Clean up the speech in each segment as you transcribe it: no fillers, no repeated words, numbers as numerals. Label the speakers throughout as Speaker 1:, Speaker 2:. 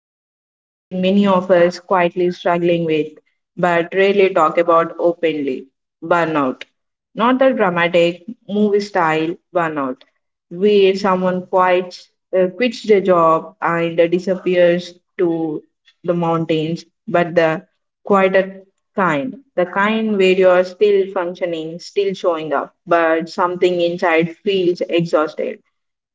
Speaker 1: touches something many of us quietly struggling with but rarely talk about openly. Burnout. Not the dramatic movie style burnout where someone quits quits their job and disappears to the mountains, but the quieter kind, the kind where you are still functioning, still showing up, but something inside feels exhausted.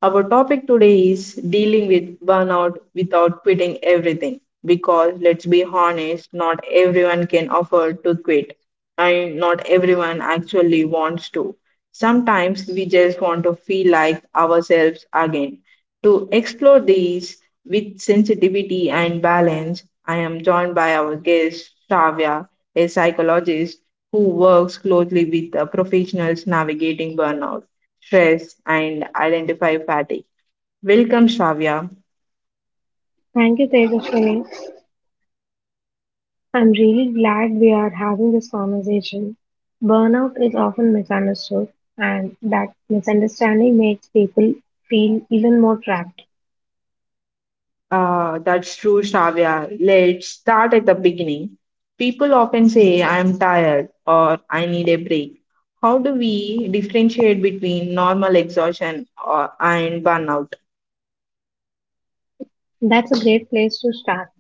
Speaker 1: Our topic today is dealing with burnout without quitting everything. Because let's be honest, not everyone can afford to quit, and not everyone actually wants to. Sometimes we just want to feel like ourselves again. To explore these with sensitivity and balance, I am joined by our guest, Shravya, a psychologist who works closely with professionals navigating burnout, stress, and identify fatigue. Welcome, Shavya.
Speaker 2: Thank you, Tejaswini. I'm really glad we are having this conversation. Burnout is often misunderstood, and that misunderstanding makes people feel even more trapped.
Speaker 1: That's true, Shavya. Let's start at the beginning. People often say, I'm tired or I need a break. How do we differentiate between normal exhaustion or, and burnout?
Speaker 2: That's a great place to start.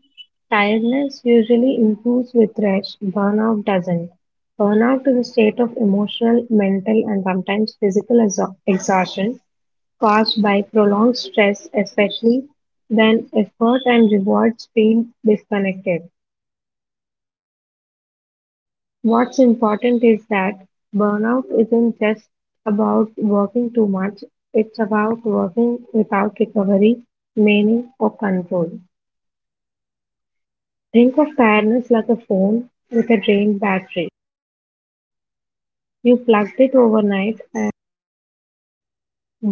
Speaker 2: Tiredness usually improves with rest, burnout doesn't. Burnout is a state of emotional, mental, and sometimes physical exhaustion caused by prolonged stress, especially when effort and rewards feel disconnected. What's important is that burnout isn't just about working too much, it's about working without recovery, meaning, or control. Think of tiredness like a phone with a drained battery. You plugged it overnight.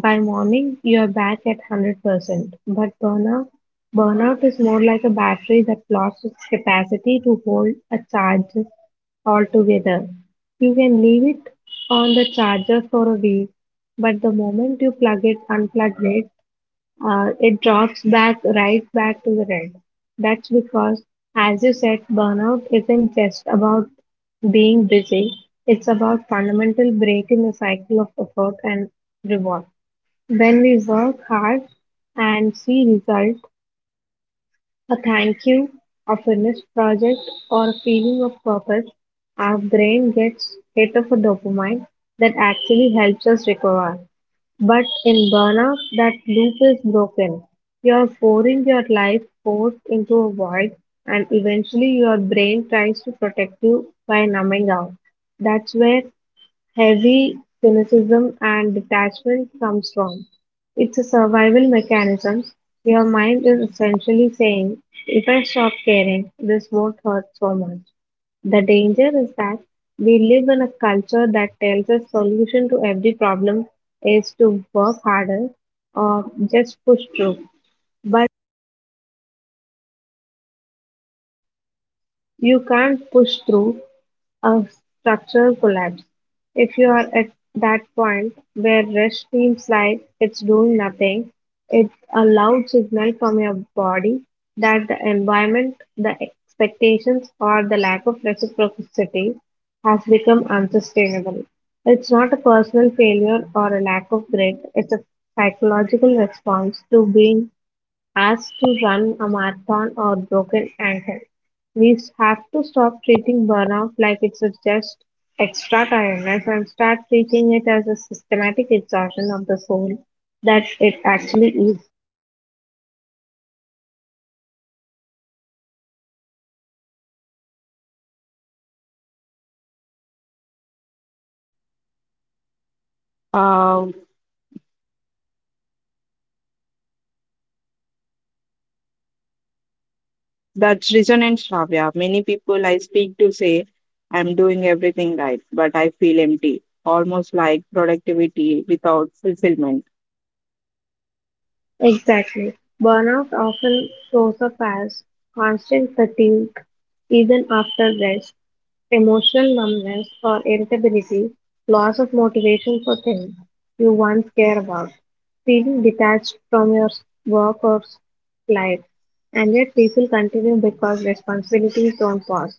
Speaker 2: By morning, you are back at 100%. But burnout, burnout is more like a battery that lost its capacity to hold a charge altogether. You can leave it on the charger for a week, but the moment you plug it, unplug it, it drops back right back to the red. That's because, as you said, burnout isn't just about being busy, it's about fundamental break in the cycle of effort and reward. When we work hard and see result, a thank you, a finished project, or a feeling of purpose, our brain gets hit of a dopamine that actually helps us recover. But in burnout, that loop is broken. You're pouring your life force into a void, and eventually your brain tries to protect you by numbing out. That's where heavy cynicism and detachment comes from. It's a survival mechanism. Your mind is essentially saying, if I stop caring, this won't hurt so much. The danger is that we live in a culture that tells us solution to every problem is to work harder or just push through. But you can't push through a structural collapse. If you are at that point where rest seems like it's doing nothing, it's a loud signal from your body that the environment, the expectations, or the lack of reciprocity has become unsustainable. It's not a personal failure or a lack of grit, it's a psychological response to being as to run a marathon or broken ankle. We have to stop treating burnout like it's a just extra tiredness and start treating it as a systematic exhaustion of the soul that it actually is.
Speaker 1: Uh, that's resonant, Shravya. Many people I speak to say, I'm doing everything right, but I feel empty, almost like productivity without fulfillment.
Speaker 2: Exactly. Burnout often shows up as constant fatigue even after rest. Emotional numbness or irritability, loss of motivation for things you once care about, feeling detached from your work or life. And yet people continue because responsibilities don't pause.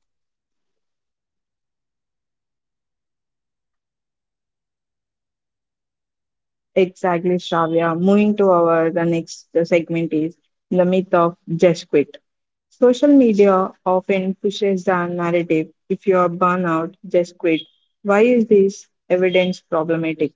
Speaker 1: Exactly, Shravya. Moving to our the next segment is the myth of just quit. Social media often pushes the narrative. If you are burnout, just quit. Why is this evidence problematic?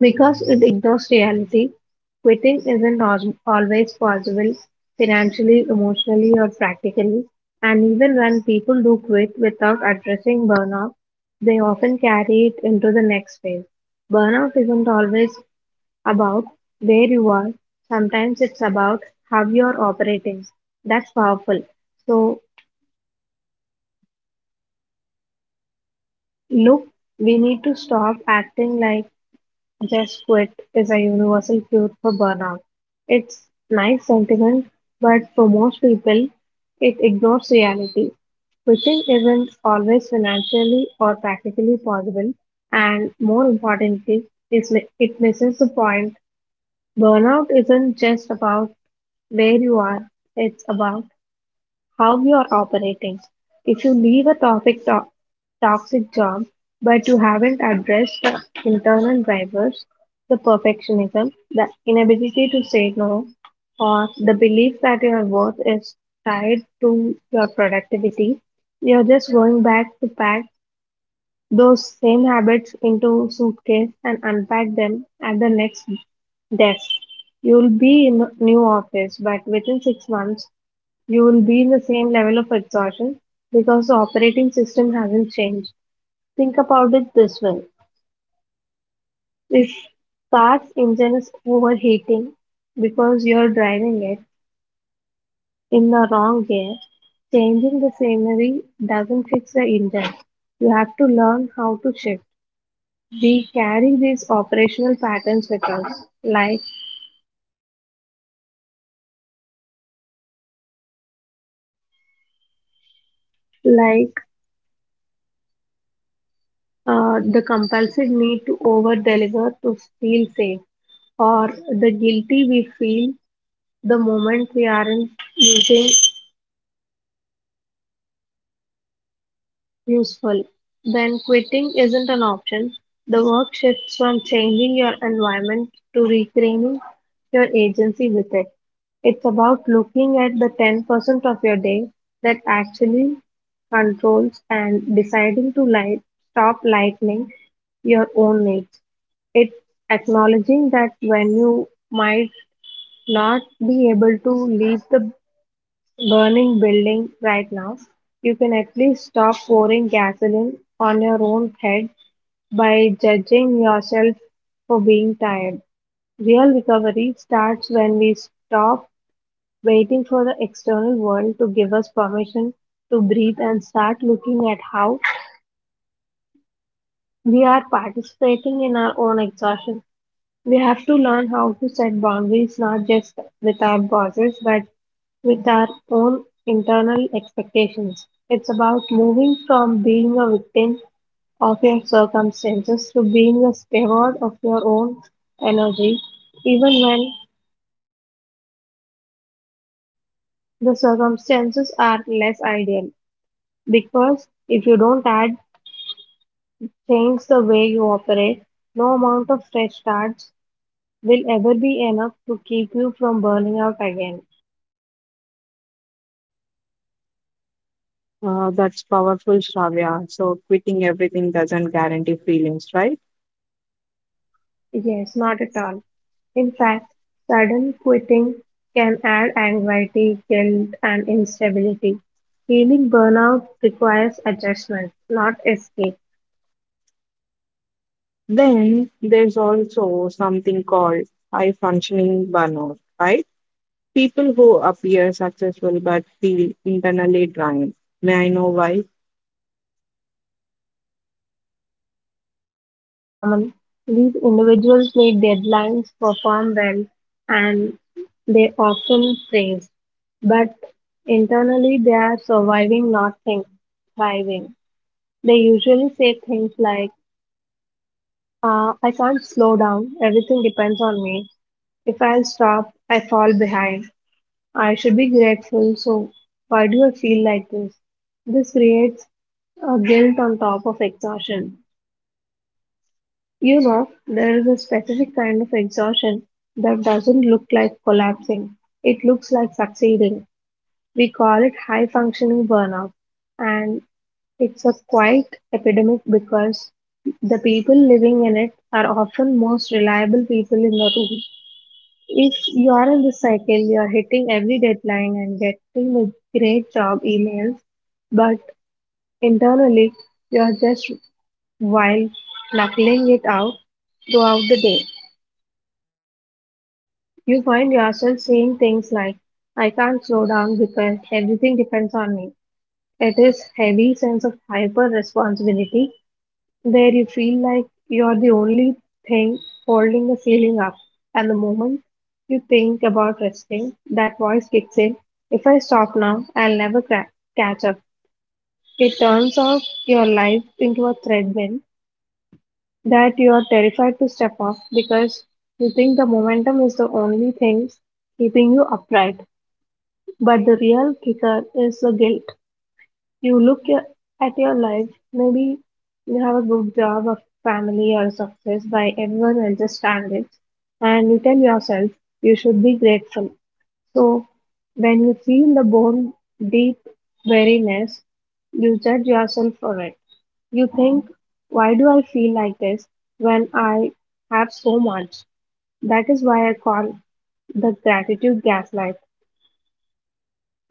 Speaker 2: Because it ignores reality, quitting isn't al- always possible financially, emotionally, or practically. And even when people do quit without addressing burnout, they often carry it into the next phase. Burnout isn't always about where you are. Sometimes it's about how you're operating. That's powerful. So, look, we need to stop acting like just quit is a universal cure for burnout. It's nice sentiment, but for most people, it ignores reality. Quitting isn't always financially or practically possible, and more importantly, is it misses the point. Burnout isn't just about where you are. It's about how you are operating. If you leave a toxic job but you haven't addressed the internal drivers, the perfectionism, the inability to say no, or the belief that your worth is tied to your productivity, you're just going back to pack those same habits into suitcase and unpack them at the next desk. You'll be in a new office, but within 6 months, you will be in the same level of exhaustion because the operating system hasn't changed. Think about it this way. If car's engine is overheating because you're driving it in the wrong gear, changing the scenery doesn't fix the engine. You have to learn how to shift. We carry these operational patterns with us, like the compulsive need to over deliver to feel safe, or the guilty we feel the moment we aren't using useful, then quitting isn't an option. The work shifts from changing your environment to reclaiming your agency with it. It's about looking at the 10% of your day that actually controls and deciding to stop lightening your own needs. It's acknowledging that when you might not be able to leave the burning building right now. You can at least stop pouring gasoline on your own head by judging yourself for being tired. Real recovery starts when we stop waiting for the external world to give us permission to breathe and start looking at how we are participating in our own exhaustion. We have to learn how to set boundaries not just with our bosses but with our own internal expectations. It's about moving from being a victim of your circumstances to being a steward of your own energy, even when the circumstances are less ideal. Because if you don't add, change the way you operate, no amount of fresh starts will ever be enough to keep you from burning out again.
Speaker 1: That's powerful, Shravya. So quitting everything doesn't guarantee feelings, right?
Speaker 2: Yes, not at all. In fact, sudden quitting can add anxiety, guilt, and instability. Healing burnout requires adjustment, not escape.
Speaker 1: Then there's also something called high functioning burnout, right? People who appear successful but feel internally drained. May I know why?
Speaker 2: Common. These individuals meet deadlines, perform well, and they often praise. But internally, they are surviving, not think, thriving. They usually say things like, I can't slow down. Everything depends on me. If I stop, I fall behind. I should be grateful. So, why do I feel like this? This creates a guilt on top of exhaustion. You know, there is a specific kind of exhaustion that doesn't look like collapsing. It looks like succeeding. We call it high functioning burnout, and it's a quite epidemic because the people living in it are often most reliable people in the room. If you are in this cycle, you are hitting every deadline and getting the great job emails, but internally you are just while knuckling it out throughout the day. You find yourself saying things like, I can't slow down because everything depends on me. It is heavy sense of hyper responsibility where you feel like you're the only thing holding the ceiling up. And the moment you think about resting, that voice kicks in. If I stop now, I'll never catch up. It turns out your life into a treadmill that you are terrified to step off because you think the momentum is the only thing keeping you upright. But the real kicker is the guilt. You look at your life, maybe you have a good job, a family, or success by everyone else's standards, and you tell yourself you should be grateful. So, when you feel the bone deep weariness, you judge yourself for it. You think, why do I feel like this when I have so much? That is why I call the gratitude gaslight.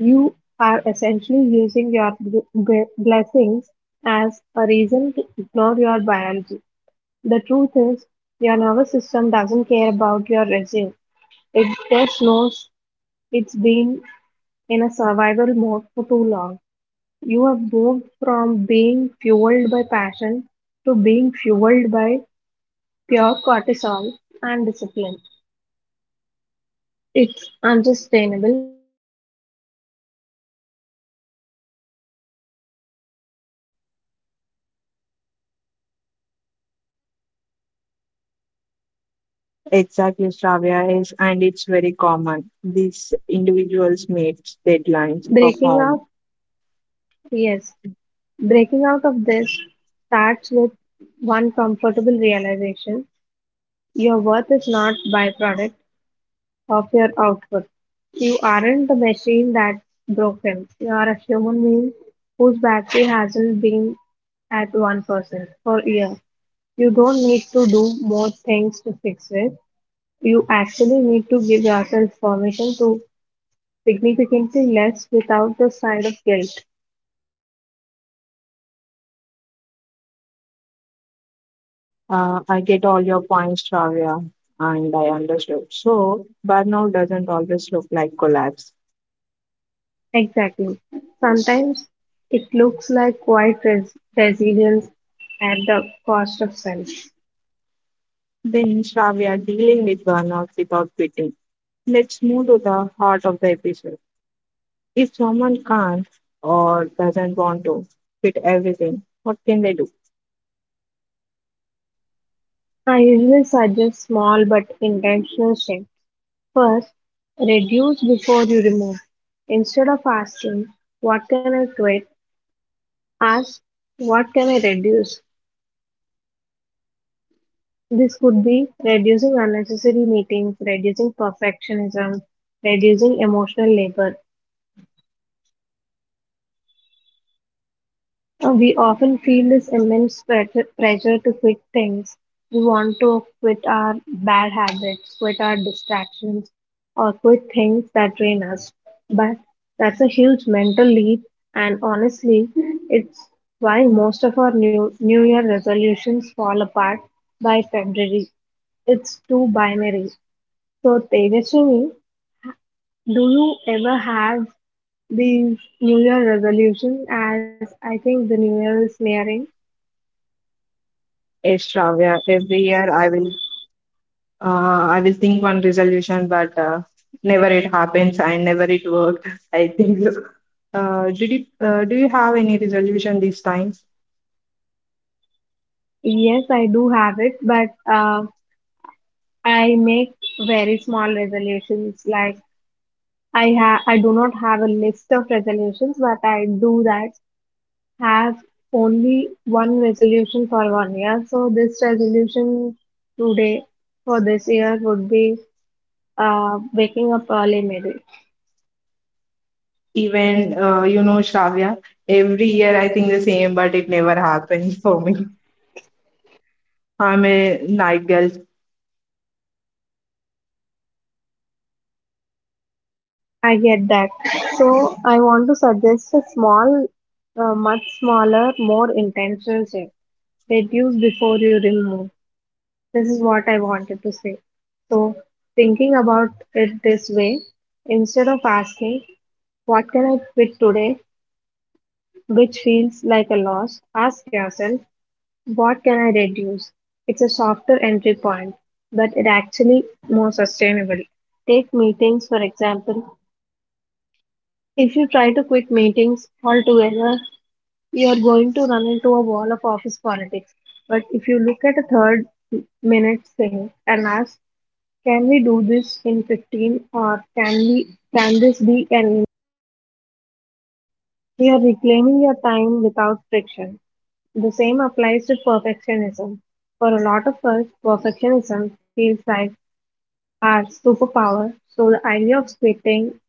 Speaker 2: You are essentially using your blessings as a reason to ignore your biology. The truth is, your nervous system doesn't care about your regime. It just knows it's been in a survival mode for too long. You have moved from being fueled by passion to being fueled by pure cortisol and discipline. It's unsustainable because you aren't actually living your future anymore. You're just managing your own collapse. Breaking out this, of this,
Speaker 1: Exactly, Shravya is, and it's very common. These individuals meet deadlines,
Speaker 2: breaking
Speaker 1: perform.
Speaker 2: out, yes, breaking out of this starts with one comfortable realization. Your worth is not byproduct of your output. You aren't the machine that's broken. You are a human being whose battery hasn't been at 1% for years. You don't need to do more things to fix it. You actually need to give yourself permission to significantly less without the side of guilt.
Speaker 1: I get all your points, Shravya, and I understood. So, burnout doesn't always look like collapse.
Speaker 2: Exactly. Sometimes it looks like quite resilience at the cost of self.
Speaker 1: Then, Shravya, dealing with burnout without quitting. Let's move to the heart of the episode. If someone can't or doesn't want to quit everything, what can they do?
Speaker 2: I usually suggest small but intentional steps. First, reduce before you remove. Instead of asking, what can I quit? Ask, what can I reduce? This could be reducing unnecessary meetings, reducing perfectionism, reducing emotional labor. We often feel this immense pressure to quit things. We want to quit our bad habits, quit our distractions, or quit things that drain us. But that's a huge mental leap, and honestly, it's why most of our new year resolutions fall apart by February. It's too binary. So, Tejaswini, do you ever have these New Year resolutions? As I think the New Year is nearing.
Speaker 1: Yes, Shravya, every year I will think one resolution, but never it happens and never it worked. I think. Did you, do you have any resolution these times?
Speaker 2: Yes, I do have it, but uh, I make very small resolutions. Like I do not have a list of resolutions, but I do that have only one resolution for one year. So this resolution today for this year would be waking up early, maybe.
Speaker 1: Even you know, Shravya, every year I think the same, but it never happens for me. I'm a night girl.
Speaker 2: I get that. So I want to suggest a small, much smaller, more intentional check. Reduce before you remove. This is what I wanted to say. So thinking about it this way, instead of asking, what can I quit today, which feels like a loss, ask yourself, what can I reduce? It's a softer entry point, but it actually more sustainable. Take meetings, for example. If you try to quit meetings altogether, you are going to run into a wall of office politics. But if you look at a third minute thing and ask, can we do this in 15 or can we can this be an you are reclaiming your time without friction. The same applies to perfectionism. For a lot of us, perfectionism feels like our superpower, so the idea of quitting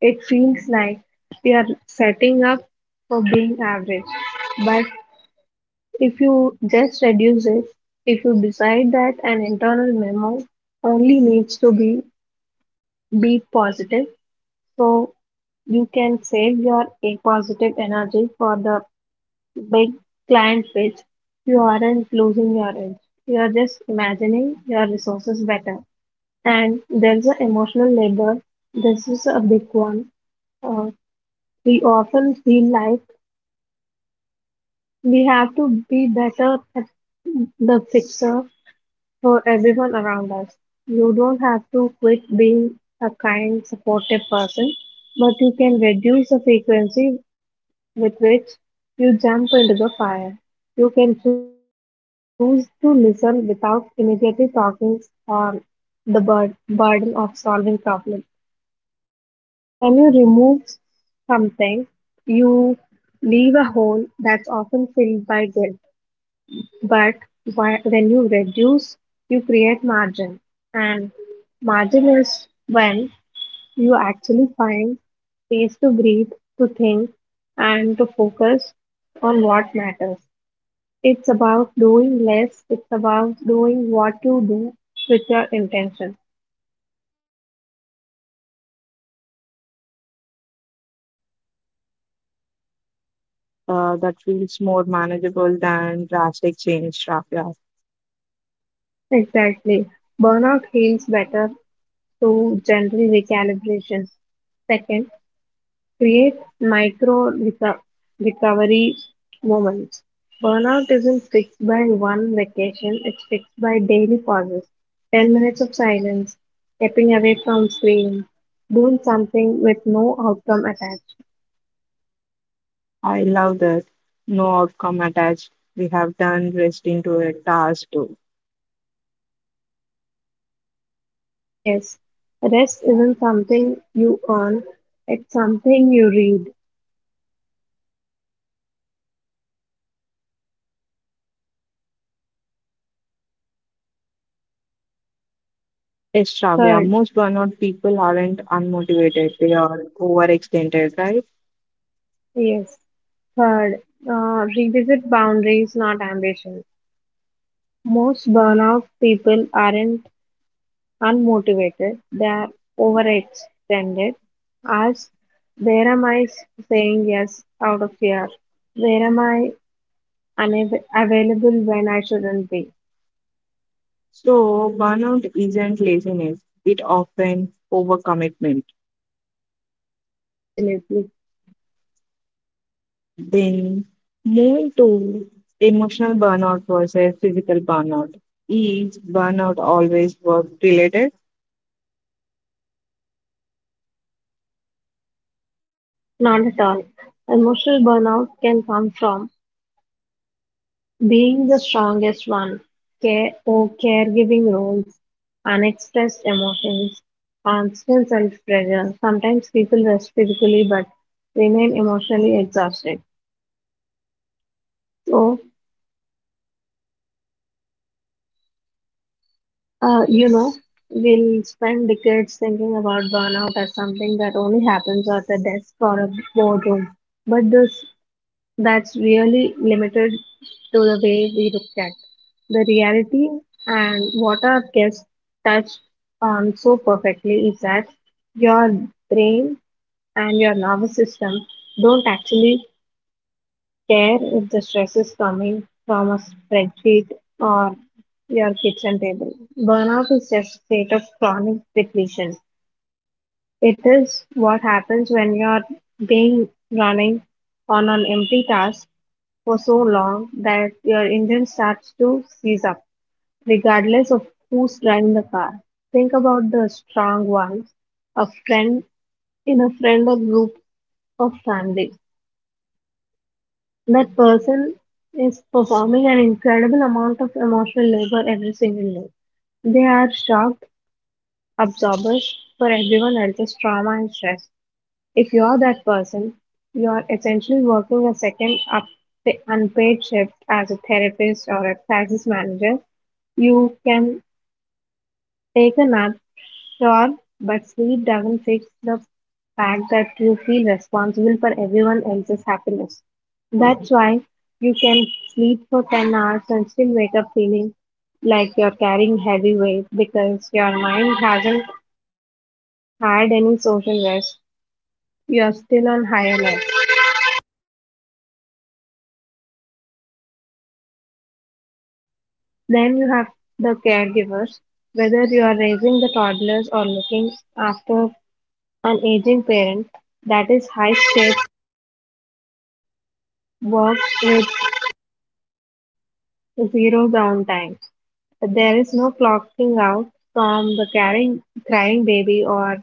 Speaker 2: it feels like we are setting up for being average. But if you just reduce it, if you decide that an internal memo only needs to be positive, so you can save your A positive energy for the big client pitch. You aren't losing your edge. You are just imagining your resources better. And there's an emotional labor. This is a big one. Uh, We often feel like we have to be better at the fixer for everyone around us. You don't have to quit being a kind, supportive person, but you can reduce the frequency with which you jump into the fire. You can choose to listen without immediately talking or the burden of solving problems. When you remove something, you leave a hole that's often filled by guilt. But when you reduce, you create margin. And margin is when you actually find space to breathe, to think, and to focus on what matters. It's about doing less, it's about doing what you do with your intention.
Speaker 1: That feels more manageable than drastic change, Shravya.
Speaker 2: Exactly. Burnout heals better through general recalibration. Second, create micro-recovery moments. Burnout isn't fixed by one vacation, it's fixed by daily pauses. 10 minutes of silence, stepping away from screen, doing something with no outcome attached.
Speaker 1: I love that. No outcome attached. We have done rest into a task too.
Speaker 2: Yes, rest isn't something you earn, it's something you read.
Speaker 1: Yes, Shravya,
Speaker 2: Third,
Speaker 1: most burnout people aren't unmotivated, they are overextended, right?
Speaker 2: yes, third, revisit boundaries, not ambition. Most burnout people aren't unmotivated, they're overextended, asked, where am I saying yes out of fear? Where am I available when I shouldn't be?
Speaker 1: So, burnout isn't laziness, it often overcommitment.
Speaker 2: Absolutely,
Speaker 1: Then, moving to emotional burnout versus physical burnout. Is burnout always work related?
Speaker 2: not at all. Emotional burnout can come from being the strongest one, care or caregiving roles, unexpressed emotions, constant self pressure. Sometimes people rest physically but remain emotionally exhausted. So you know, we'll spend decades thinking about burnout as something that only happens at a desk or a boardroom. But this that's really limited to the way we look at the reality, and what our guest touched on so perfectly is that your brain and your nervous system don't actually care if the stress is coming from a spreadsheet or your kitchen table. Burnout is just a state of chronic depletion. It is what happens when you're being running on an empty task for so long that your engine starts to seize up, regardless of who's driving the car. Think about the strong ones, a friend in a friend or group of family. That person is performing an incredible amount of emotional labor every single day. They are shock absorbers for everyone else's trauma and stress. If you're that person, you're essentially working a second up unpaid shift as a therapist or a crisis manager. You can take a nap, sure, but sleep doesn't fix the fact that you feel responsible for everyone else's happiness. That's why you can sleep for 10 hours and still wake up feeling like you're carrying heavy weight because your mind hasn't had any social rest. You're still on high alert. Then you have the caregivers. Whether you are raising the toddlers or looking after an aging parent, that is high stakes work with zero downtime. There is no clocking out from the caring, crying baby or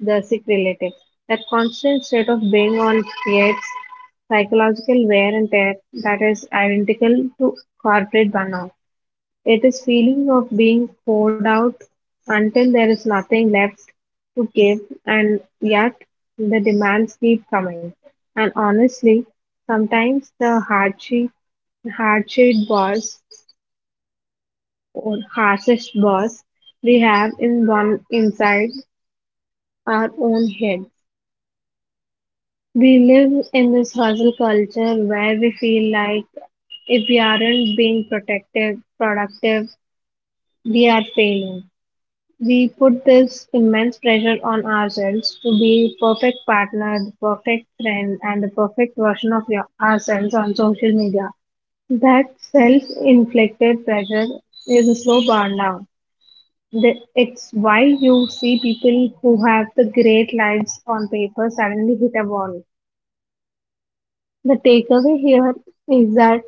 Speaker 2: the sick relative. That constant state of being on creates psychological wear and tear that is identical to corporate burnout. It is feeling of being poured out until there is nothing left to give, and yet the demands keep coming. And honestly, sometimes the hardship hardship boss or harshest boss we have in one inside our own head. We live in this hustle culture where we feel like if we aren't being protective, productive, we are failing. We put this immense pressure on ourselves to be perfect partner, the perfect friend, and the perfect version of ourselves on social media. That self-inflicted pressure is a slow burn down. It's why you see people who have the great lives on paper suddenly hit a wall. The takeaway here is that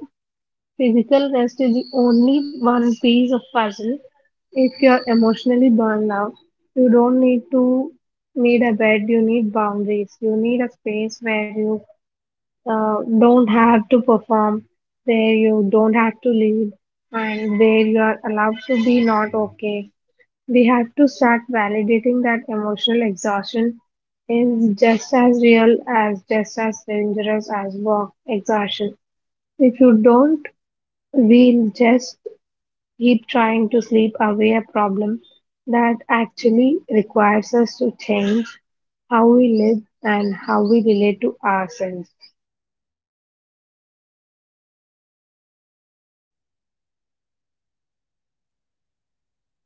Speaker 2: physical rest is the only one piece of puzzle. If you're emotionally burned out, you don't need to need a bed. You need boundaries. You need a space where you don't have to perform, where you don't have to lead, and where you are allowed to be not okay. We have to start validating that emotional exhaustion is just as dangerous as work exhaustion. If you don't, we'll just keep trying to sleep away a problem that actually requires us to change how we live and how we relate to ourselves.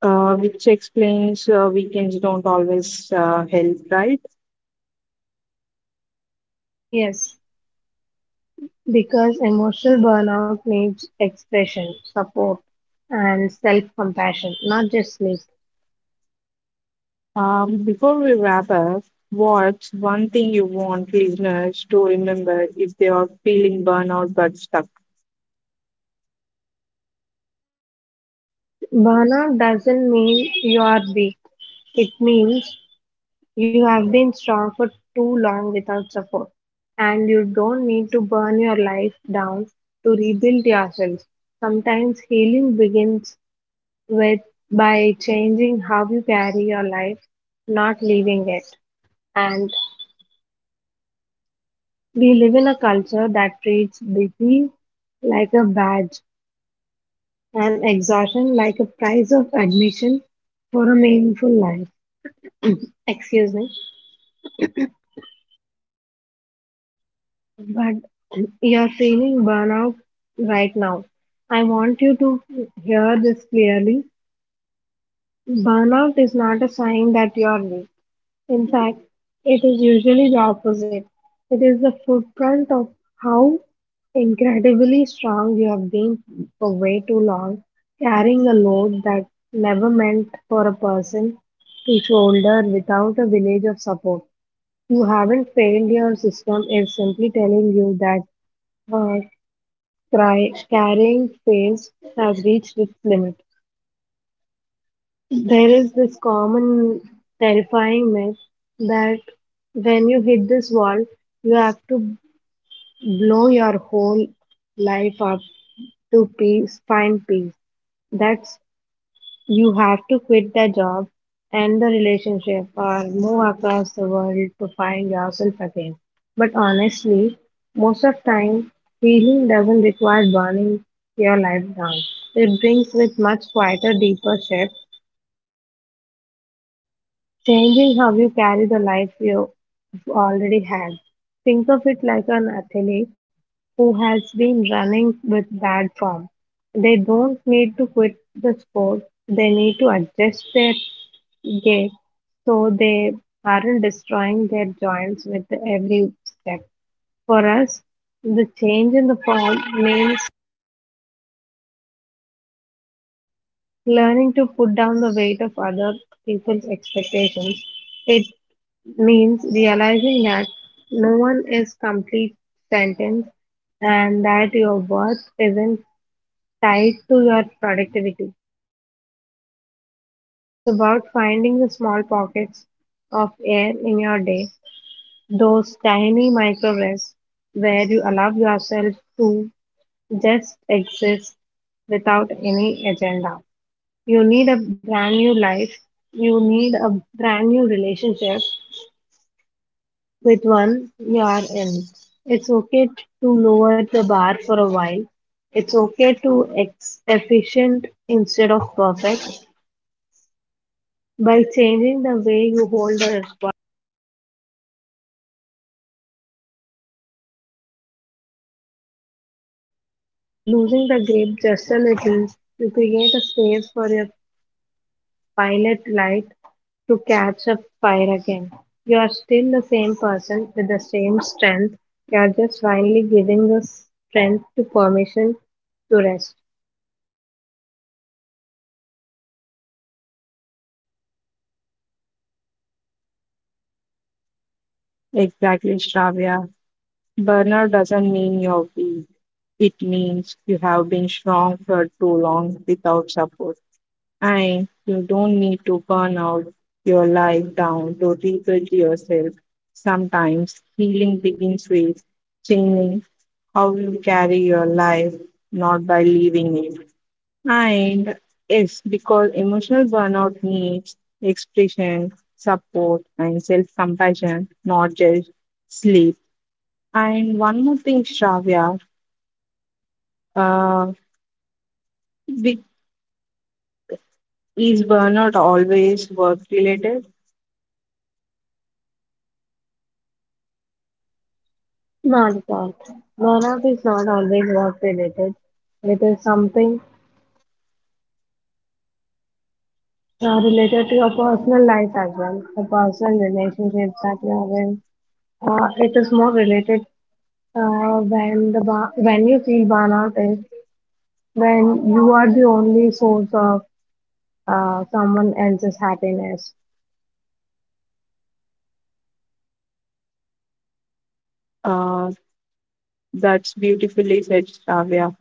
Speaker 1: Which explains weekends don't always help, right?
Speaker 2: Yes, because emotional burnout needs expression, support, and self compassion, not just sleep.
Speaker 1: Before we wrap up, what's one thing you want listeners to remember if they are feeling burnout but stuck?
Speaker 2: Bana doesn't mean you are weak. It means you have been strong for too long without support, and you don't need to burn your life down to rebuild yourself. Sometimes healing begins with by changing how you carry your life, not leaving it. And we live in a culture that treats busy like a badge and exhaustion like a price of admission for a meaningful life. Excuse me. But you're feeling burnout right now. I want you to hear this clearly. Burnout is not a sign that you're weak. In fact, it is usually the opposite. It is the footprint of how incredibly strong you have been for way too long, carrying a load that never meant for a person to shoulder without a village of support. You haven't failed, your system is simply telling you that carrying phase has reached its limit. There is this common terrifying myth that when you hit this wall, you have to blow your whole life up to find peace. That's you have to quit the job and the relationship or move across the world to find yourself again. But honestly, most of time, healing doesn't require burning your life down. It brings with much quieter, deeper shift changing how you carry the life you already had. Think of it like an athlete who has been running with bad form. They don't need to quit the sport, they need to adjust their gait so they aren't destroying their joints with every step. For us, the change in the form means learning to put down the weight of other people's expectations. It means realizing that no one is complete sentence and that your worth isn't tied to your productivity. It's about finding the small pockets of air in your day, those tiny micro rests where you allow yourself to just exist without any agenda. You need a brand new life. You need a brand new relationship with one you are in. It's to lower the bar for a while. It's okay to efficient instead of perfect. By changing the way you hold the response, losing the grip just a little, you create a space for your pilot light to catch a fire again. You're still the same person with the same strength. You're just finally giving the strength to permission to rest.
Speaker 1: Exactly, Shravya. Burnout doesn't mean you're weak. It means you have been strong for too long without support. And you don't need to burn out your life down to rebuild yourself. Sometimes healing begins with changing how you carry your life, not by leaving it. And yes, because emotional burnout needs expression, support, and self compassion, not just sleep. And one more thing, Shravya, uh, be- is burnout always work related?
Speaker 2: Not at all. Burnout is not always work related. It is something related to your personal life as well, the personal relationships that you are in. It is more related when the when you feel burnout is when you are the only source of someone else's happiness.
Speaker 1: Uh, that's beautifully said, Shravya.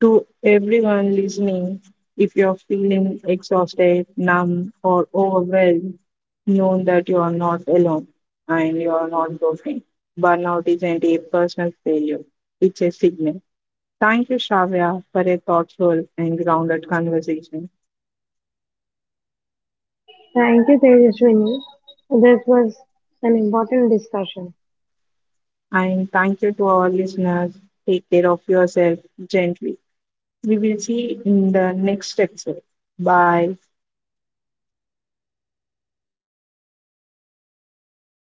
Speaker 1: To everyone listening, if you're feeling exhausted, numb, or overwhelmed, know that you are not alone and you are not broken. Burnout isn't a personal failure, it's a signal. Thank you, Shavya, for a thoughtful and grounded conversation.
Speaker 2: Thank you, Tejaswini. This was an important discussion.
Speaker 1: And thank you to our listeners. Take care of yourself gently. We will see you in the next episode. Bye.